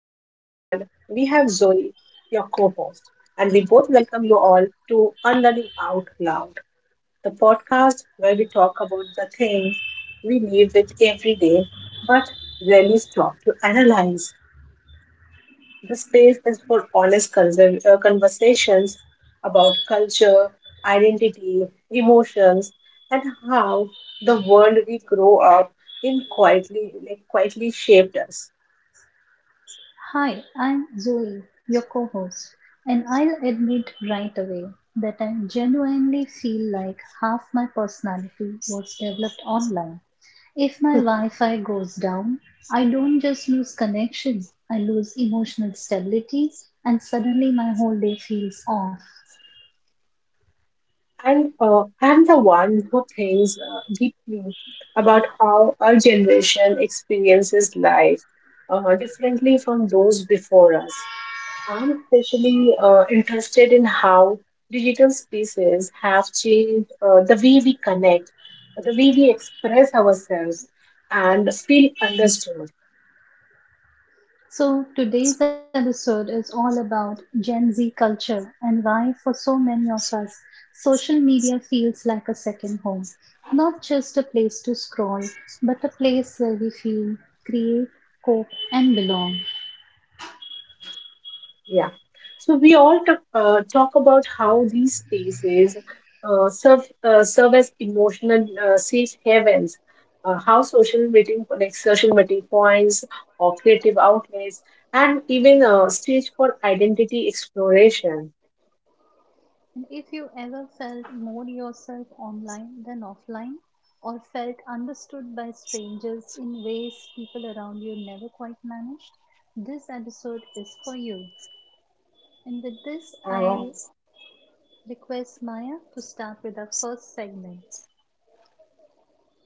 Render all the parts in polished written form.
Zoe, your co host. And we both welcome you all to Unlearning Out Loud, the podcast where we talk about the things we live with every day but rarely stop to analyze. The space is for honest conversations about culture, identity, emotions, and how the world we grow up in quietly quietly shaped us. Hi, I'm Zoe, your co host, and I'll admit right away that I genuinely feel like half my personality was developed online. If my Wi Fi goes down, I don't just lose connection, I lose emotional stability, and suddenly my whole day feels off. And I'm the one who thinks deeply about how our generation experiences life differently from those before us. I'm especially interested in how digital spaces have changed the way we connect, the way we express ourselves, and feel understood. So, today's episode is all about Gen Z culture and why, for so many of us, social media feels like a second home. Not just a place to scroll, but a place where we feel, create, cope, and belong. Yeah. So we all talk about how these spaces serve as emotional safe havens. How social meeting points or creative outlets and even a stage for identity exploration. And if you ever felt more yourself online than offline, or felt understood by strangers in ways people around you never quite managed, this episode is for you. And with this, Um, I request Maya to start with our first segment.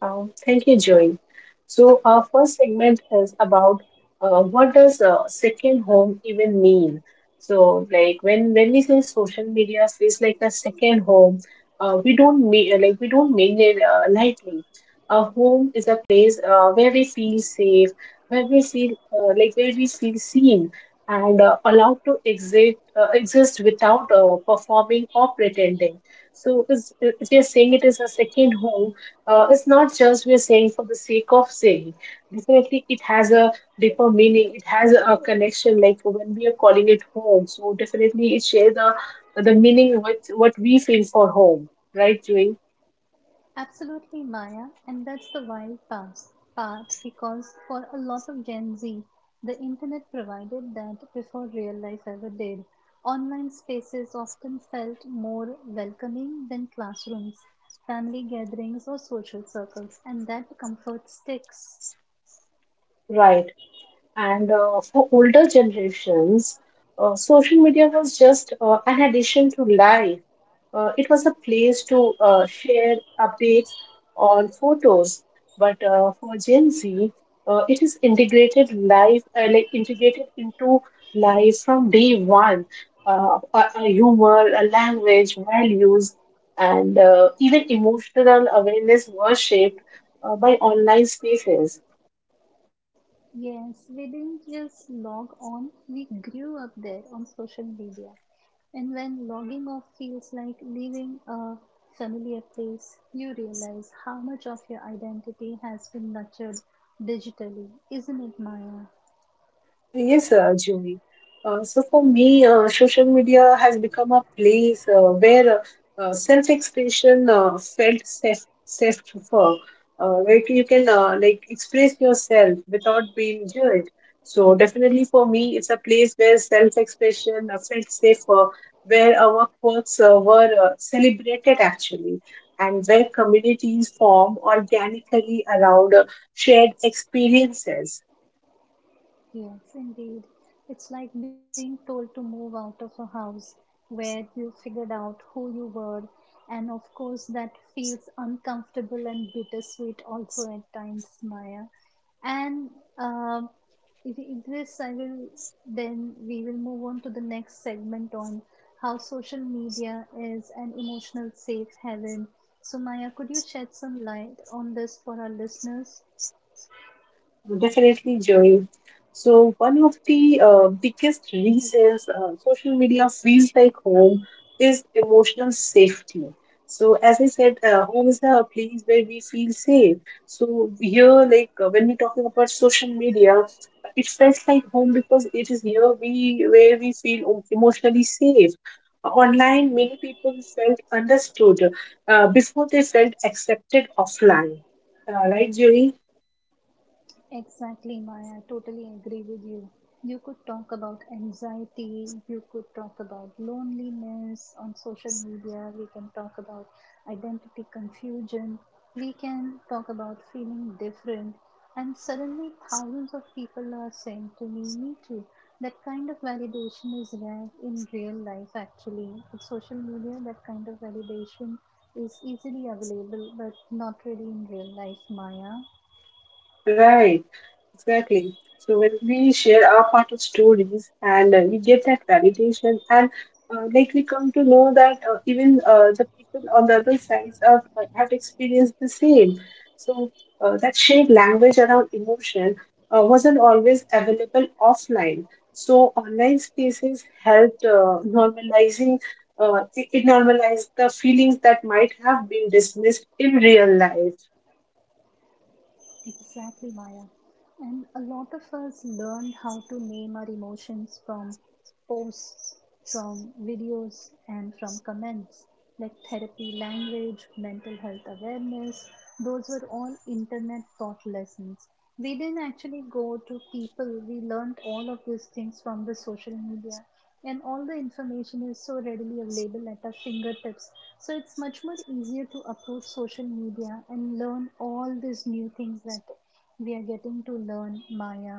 Thank you, Joy. So our first segment is about what does a second home even mean? So like when we say social media is like a second home, we don't mean it lightly. A home is a place where we feel safe, where we feel seen and allowed to exist without performing or pretending. So is if you're saying it is a second home, it's not just we're saying for the sake of saying. Definitely, it has a deeper meaning. It has a connection. Like when we are calling it home, so definitely it shares the meaning with what we feel for home, right, Joey? Absolutely, Maya, and that's the wild past part because for a lot of Gen Z, the internet provided that before real life ever did. Online spaces often felt more welcoming than classrooms, family gatherings, or social circles, and that comfort sticks. Right. And for older generations, social media was just an addition to life. It was a place to share updates on photos, but for Gen Z, it is integrated life, integrated into life from day one. A humor, a language, values, and even emotional awareness were shaped by online spaces. Yes, we didn't just log on, we grew up there on social media. And when logging off feels like leaving a familiar place, you realize how much of your identity has been nurtured digitally. Isn't it, Maya? Yes, Julie. So for me, social media has become a place where self-expression felt safe for, where you can express yourself without being judged. So definitely for me, it's a place where self-expression felt safe for, where our quirks were celebrated actually, and where communities form organically around shared experiences. Yes, indeed. It's like being told to move out of a house where you figured out who you were, and of course, that feels uncomfortable and bittersweet also at times, Maya. And um if you this, I will then we will move on to the next segment on how social media is an emotional safe haven. So, Maya, could you shed some light on this for our listeners? Definitely, Joy. So one of the biggest reasons social media feels like home is emotional safety. So as I said, home is a place where we feel safe. So here, like when we're talking about social media, it felt like home because it is here we where we feel emotionally safe. Online, many people felt understood before they felt accepted offline. Right, Joey? Exactly, Maya. I totally agree with you. You could talk about anxiety, you could talk about loneliness on social media, we can talk about identity confusion, we can talk about feeling different. And suddenly, thousands of people are saying to me, me too. That kind of validation is rare in real life, actually. With social media, that kind of validation is easily available, but not really in real life, Maya. Right. Exactly. So when we share our part of stories and we get that validation, and we come to know that even the people on the other sides of, have experienced the same. So that shared language around emotion wasn't always available offline. So online spaces helped normalizing, it normalized the feelings that might have been dismissed in real life. Exactly, Maya. And a lot of us learned how to name our emotions from posts, from videos, and from comments, like therapy, language, mental health awareness. Those were all internet taught lessons. We didn't actually go to people, we learned all of these things from the social media, and all the information is so readily available at our fingertips, so it's much more easier to approach social media and learn all these new things that we are getting to learn, Maya.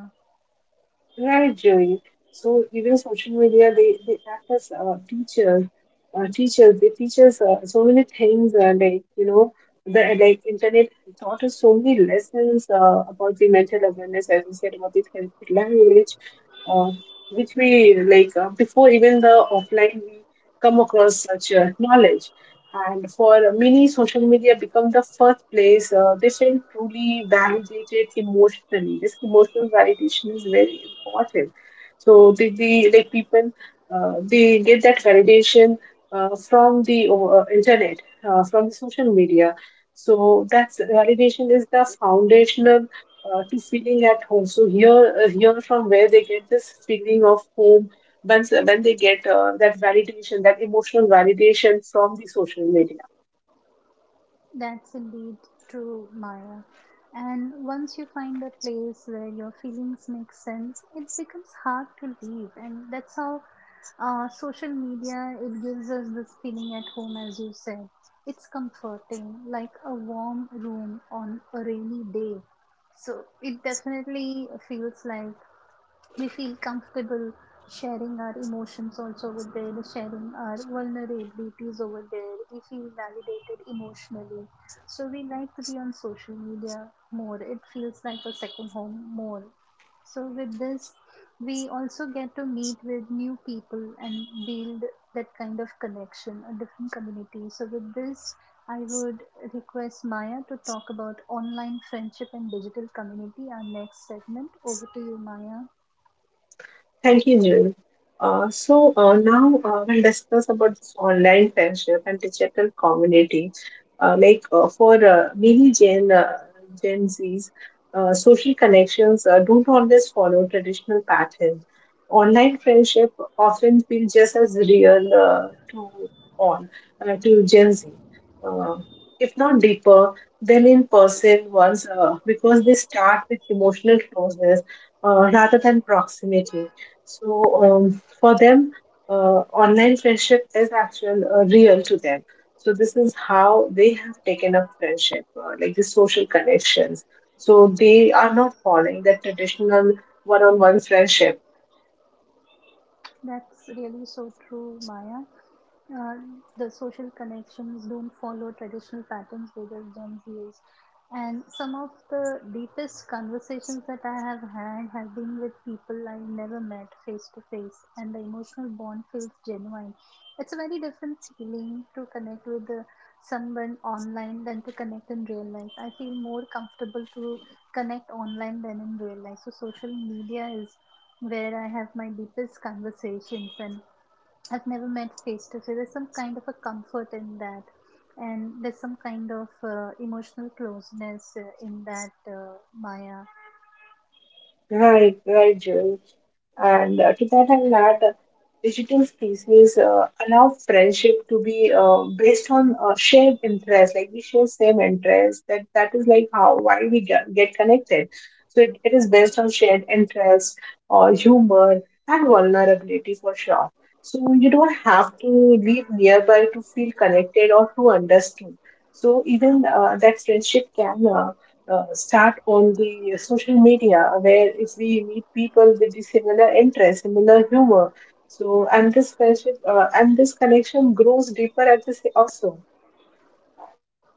Right, Joey. So even social media, they act as teachers. They teach us so many things. The like internet taught us so many lessons about the mental awareness, as you said about the therapeutic language, uh, which we like before even the offline we come across such knowledge. And for many, social media become the first place they felt truly validated emotionally. This emotional validation is very important. So the people, they get that validation from the internet, from the social media. So that validation is the foundational to feeling at home. So here, from where they get this feeling of home once when they get that validation, that emotional validation from the social media. That's indeed true, Maya. And once you find a place where your feelings make sense, it becomes hard to leave. And that's how social media, it gives us this feeling at home, as you said. It's comforting, like a warm room on a rainy day. So it definitely feels like we feel comfortable sharing our emotions also over there, sharing our vulnerabilities over there. We feel validated emotionally. So we like to be on social media more. It feels like a second home more. So with this, we also get to meet with new people and build that kind of connection, a different community. So with this, I would request Maya to talk about online friendship and digital community, our next segment. Over to you, Maya. Thank you, June. Now we'll discuss about this online friendship and digital community. Like for many Gen Zs, social connections don't always follow traditional patterns. Online friendship often feel just as real all to Gen Z, uh, if not deeper than in person ones, because they start with emotional closeness rather than proximity. So for them, online friendship is actual real to them. So this is how they have taken up friendship, like the social connections. So they are not following the traditional one-on-one friendship. That's really so true, Maya. Uh, the social connections don't follow traditional patterns whether Gen Z is. And some of the deepest conversations that I have had have been with people I never met face to face, and the emotional bond feels genuine. It's a very different feeling to connect with the, someone online than to connect in real life. I feel more comfortable to connect online than in real life. So, social media is where I have my deepest conversations and I've never met face to face. So there's some kind of a comfort in that, and there's some kind of emotional closeness in that, Maya. Right, right, Jill. And to that end, that digital spaces allow friendship to be based on shared interests, like we share same interests. That is like how why we get connected. So it is based on shared interests or humor and vulnerability for sure. So you don't have to live nearby to feel connected or to understood. So even that friendship can, start on the social media where if we meet people with the similar interest, similar humor, so and this friendship and this connection grows deeper at also.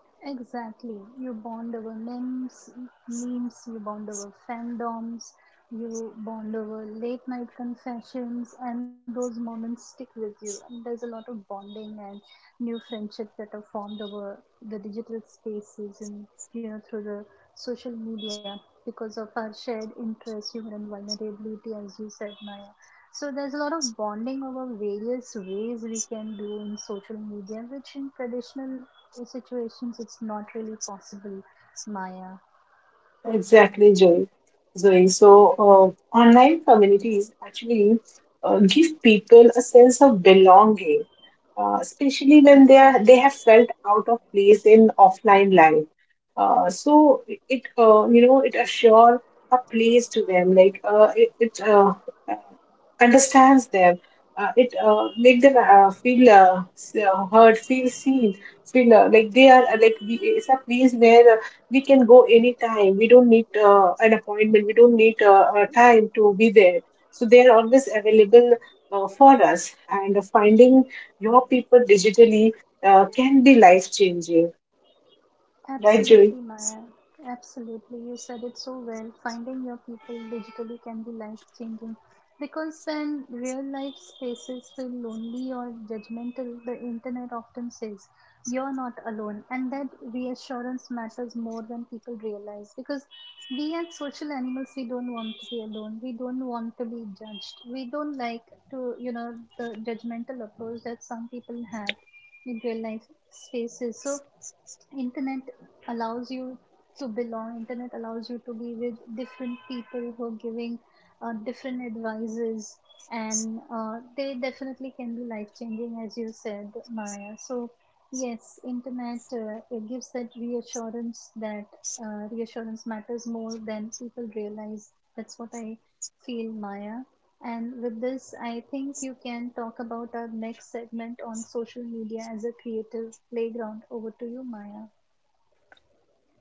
Exactly. You bond over memes, you bond over fandoms, you bond over late night confessions, and those moments stick with you. And there's a lot of bonding and new friendships that are formed over the digital spaces and, you know, through the social media because of our shared interests, humor, and vulnerability, as you said, Maya. So there's a lot of bonding over various ways we can do in social media, which in situations it's not really possible, Maya. Exactly, Joy. Zoe. So, online communities actually give people a sense of belonging, especially when they have felt out of place in offline life. So it you know it assure a place to them. Like it understands them. It make them feel, heard, feel seen, feel like they are like we. It's a place where we can go anytime. We don't need an appointment. We don't need time to be there. So they are always available for us. And finding your people digitally can be life changing, right, Joy. Absolutely, Maya. Absolutely. You said it so well. Finding your people digitally can be life changing because when real life spaces feel lonely or judgmental, the internet often says you're not alone. And that reassurance matters more than people realize, because we as social animals, we don't want to be alone. We don't want to be judged. We don't like to, you know, the judgmental approach that some people have in real life spaces. So, internet allows you to belong, internet allows you to be with different people who are giving different advices, and they definitely can be life changing as you said, Maya. So yes, internet, it gives that reassurance that, reassurance matters more than people realize. That's what I feel, Maya. And with this, I think you can talk about our next segment on social media as a creative playground. Over to you, Maya.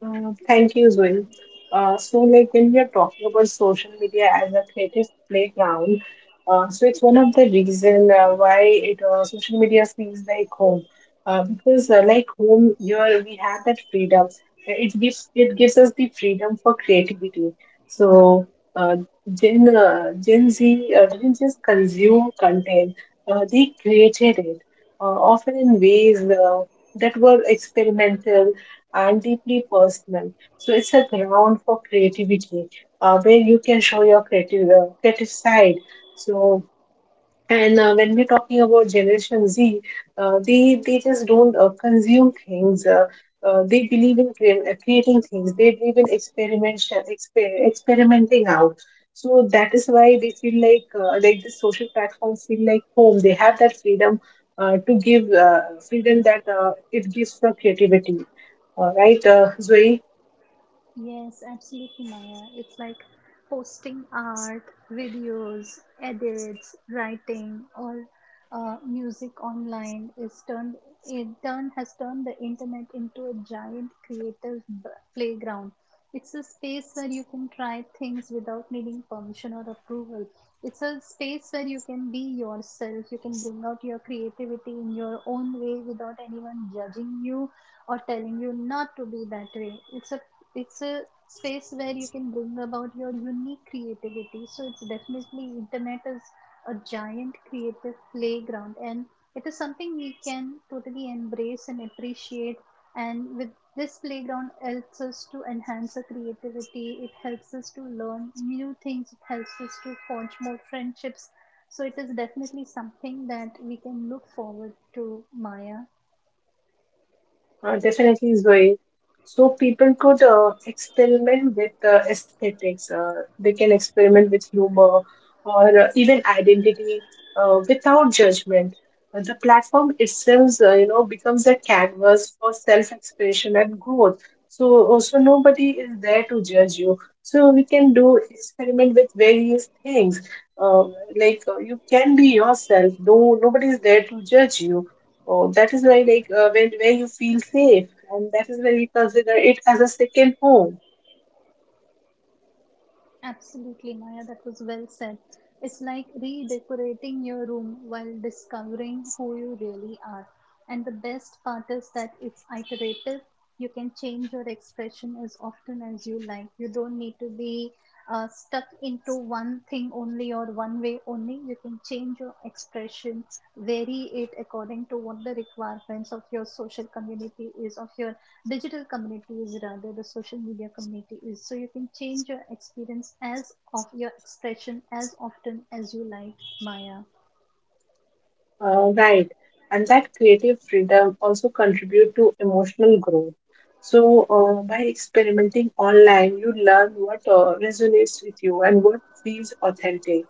Thank you, Zoe. Like when we are talking about social media as a creative playground, so it's one of the reason why it social media feels like home, because home here we have that freedom. It gives us the freedom for creativity. So, uh, Gen Z didn't just consume content; they created it, often in ways that were experimental and deeply personal. So it's a ground for creativity where you can show your creative side. So and when we're talking about Generation Z, they just don't consume things. They believe in creating things. They believe in experimentation, experimenting out. So that is why they feel like the social platforms feel like home. They have that freedom to give freedom that it gives for creativity. All right, Zoe. Yes, absolutely, Maya. It's like posting art, videos, edits, writing, or music online is turned. It turn has turned the internet into a giant creative playground. It's a space where you can try things without needing permission or approval. It's a space where you can be yourself. You can bring out your creativity in your own way without anyone judging you or telling you not to be that way. It's a space where you can bring about your unique creativity. So it's definitely, internet is a giant creative playground, and it is something we can totally embrace and appreciate. And with this playground, helps us to enhance our creativity. It helps us to learn new things. It helps us to forge more friendships. So it is definitely something that we can look forward to, Maya. Definitely, Zoe. So people could experiment with aesthetics. They can experiment with humor or even identity without judgment. The platform itself, becomes a canvas for self-expression and growth. So also nobody is there to judge you. So we can do experiment with various things. Uh, you can be yourself, though nobody is there to judge you. Oh, that is why, like, when where you feel safe, and that is why we consider it as a second home, Absolutely, Maya, that was well said. It's like redecorating your room while discovering who you really are. And the best part is that it's iterative. You can change your expression as often as you like. You don't need to be stuck into one thing only or one way only. You can change your expression, vary it according to what the requirements of your social community is, of your digital community is, rather the social media community is, so you can change your experience, as of your expression, as often as you like, Maya. Right? And that creative freedom also contribute to emotional growth. So, by experimenting online, you learn what resonates with you and what feels authentic.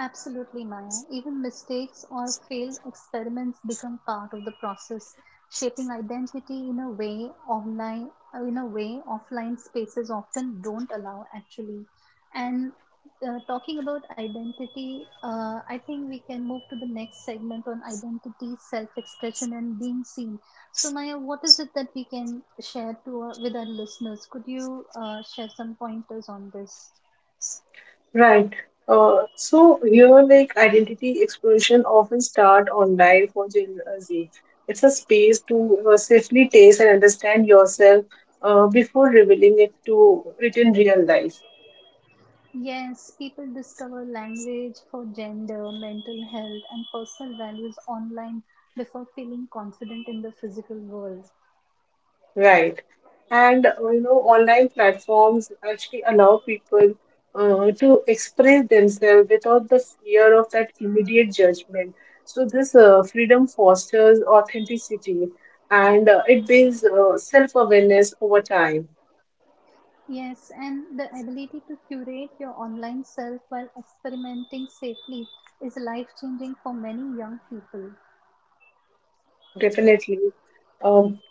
Absolutely, Maya. Even mistakes or failed experiments become part of the process, shaping identity in a way online in a way offline spaces often don't allow, actually. And talking about identity, I think we can move to the next segment on identity, self-expression, and being seen. So, Maya, what is it that we can share to our, with our listeners? Could you share some pointers on this? Right. So here, like identity exploration often start online for Gen Z. It's a space to safely taste and understand yourself before revealing it to it in real life. Yes, people discover language for gender, mental health, and personal values online before feeling confident in the physical world. Right. And online platforms actually allow people to express themselves without the fear of that immediate judgment. So this freedom fosters authenticity, and it builds self-awareness over time. Yes, and the ability to curate your online self while experimenting safely is life changing for many young people. Definitely. Um,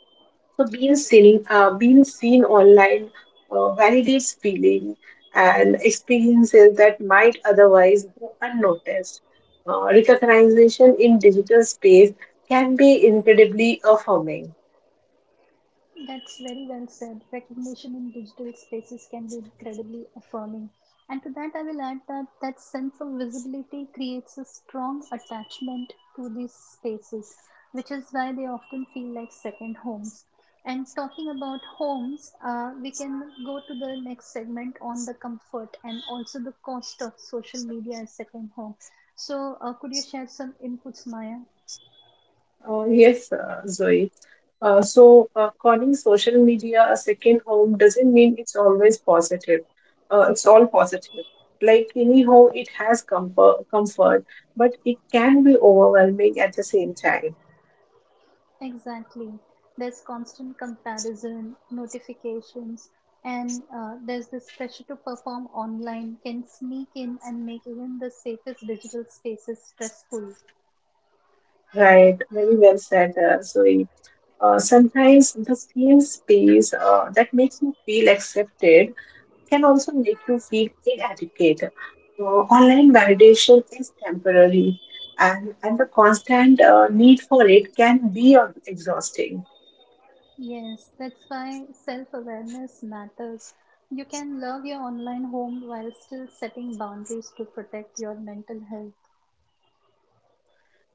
So being seen online validates feeling and experiences that might otherwise go unnoticed. Recognition in digital space can be incredibly affirming. That's very well said. Recognition in digital spaces can be incredibly affirming. And to that, I will add that that sense of visibility creates a strong attachment to these spaces, which is why they often feel like second homes. And talking about homes, we can go to the next segment on the comfort and also the cost of social media as second home. So, could you share some inputs, Maya? Yes, Zoe. Calling social media a second home doesn't mean it's always positive. It's all positive. Like any home, it has comfort, but it can be overwhelming at the same time. Exactly. There's constant comparison, notifications, and there's this pressure to perform online can sneak in and make even the safest digital spaces stressful. Right, very well said, Zoe. Sometimes the same space that makes you feel accepted can also make you feel inadequate. Online validation is temporary, and the constant need for it can be exhausting. Yes, that's why self awareness matters. You can love your online home while still setting boundaries to protect your mental health.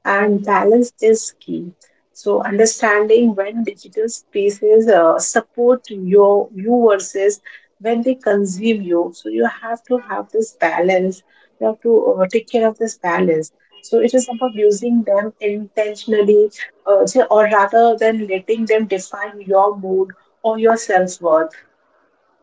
And balance is key. So, understanding when digital spaces support you versus when they consume you. So, you have to have this balance. You have to take care of this balance. So, it is about using them intentionally, or rather than letting them define your mood or your self worth.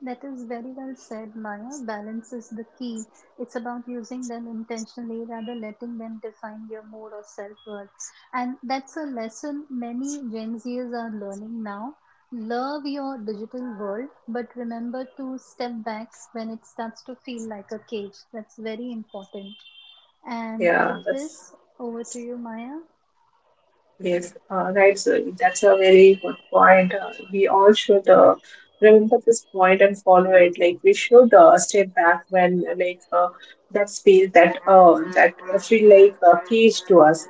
That is very well said, Maya. Balance is the key. It's about using them intentionally rather letting them define your mood or self-worth. And that's a lesson many Gen Zers are learning now. Love your digital world, but remember to step back when it starts to feel like a cage. That's very important. And with Yeah, that's this, over to you, Maya. Yes, right, sir. That's a very good point. We all should remember this point and follow it. Like we should step back when that space that that feel like a cage to us.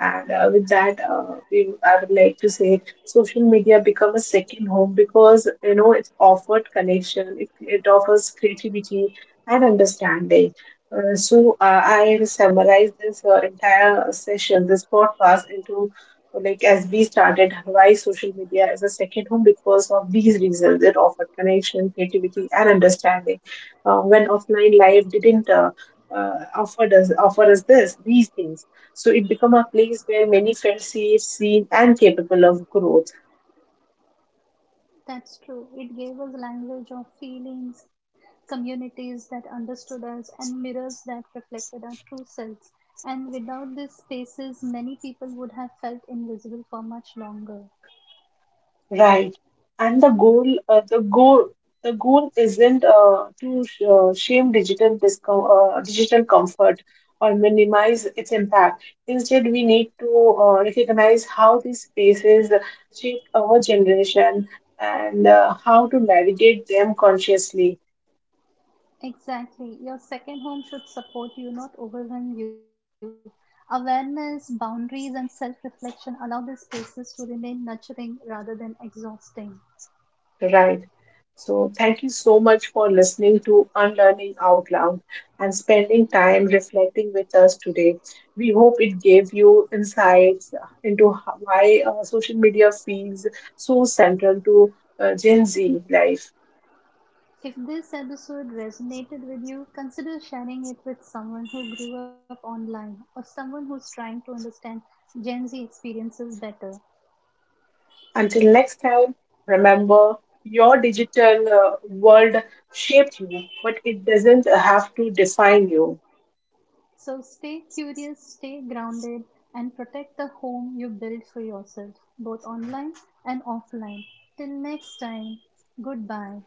And with that, we I would like to say social media become a second home because it offered connection. It offers creativity and understanding. I summarize this entire session, this podcast, like as we started, why social media is a second home because of these reasons. It offered connection, creativity, and understanding. When offline life didn't offer us this these things, so it became a place where many felt safe, seen, and capable of growth. That's true. It gave us language of feelings, communities that understood us, and mirrors that reflected our true selves. And without these spaces, many people would have felt invisible for much longer. Right. And the goal isn't to sh shame digital comfort or minimize its impact. Instead, we need to recognize how these spaces shape our generation and how to navigate them consciously. Exactly. Your second home should support you, not overwhelm you. Awareness, boundaries, and self reflection allow these spaces to remain nurturing rather than exhausting. Right. So, thank you so much for listening to Unlearning Out Loud and spending time reflecting with us today. We hope it gave you insights into why social media feels so central to Gen Z life. If this episode resonated with you, consider sharing it with someone who grew up online or someone who's trying to understand Gen Z experiences better. Until next time, remember your digital world shaped you, but it doesn't have to define you. So stay curious, stay grounded, and protect the home you build for yourself, both online and offline. Till next time, goodbye.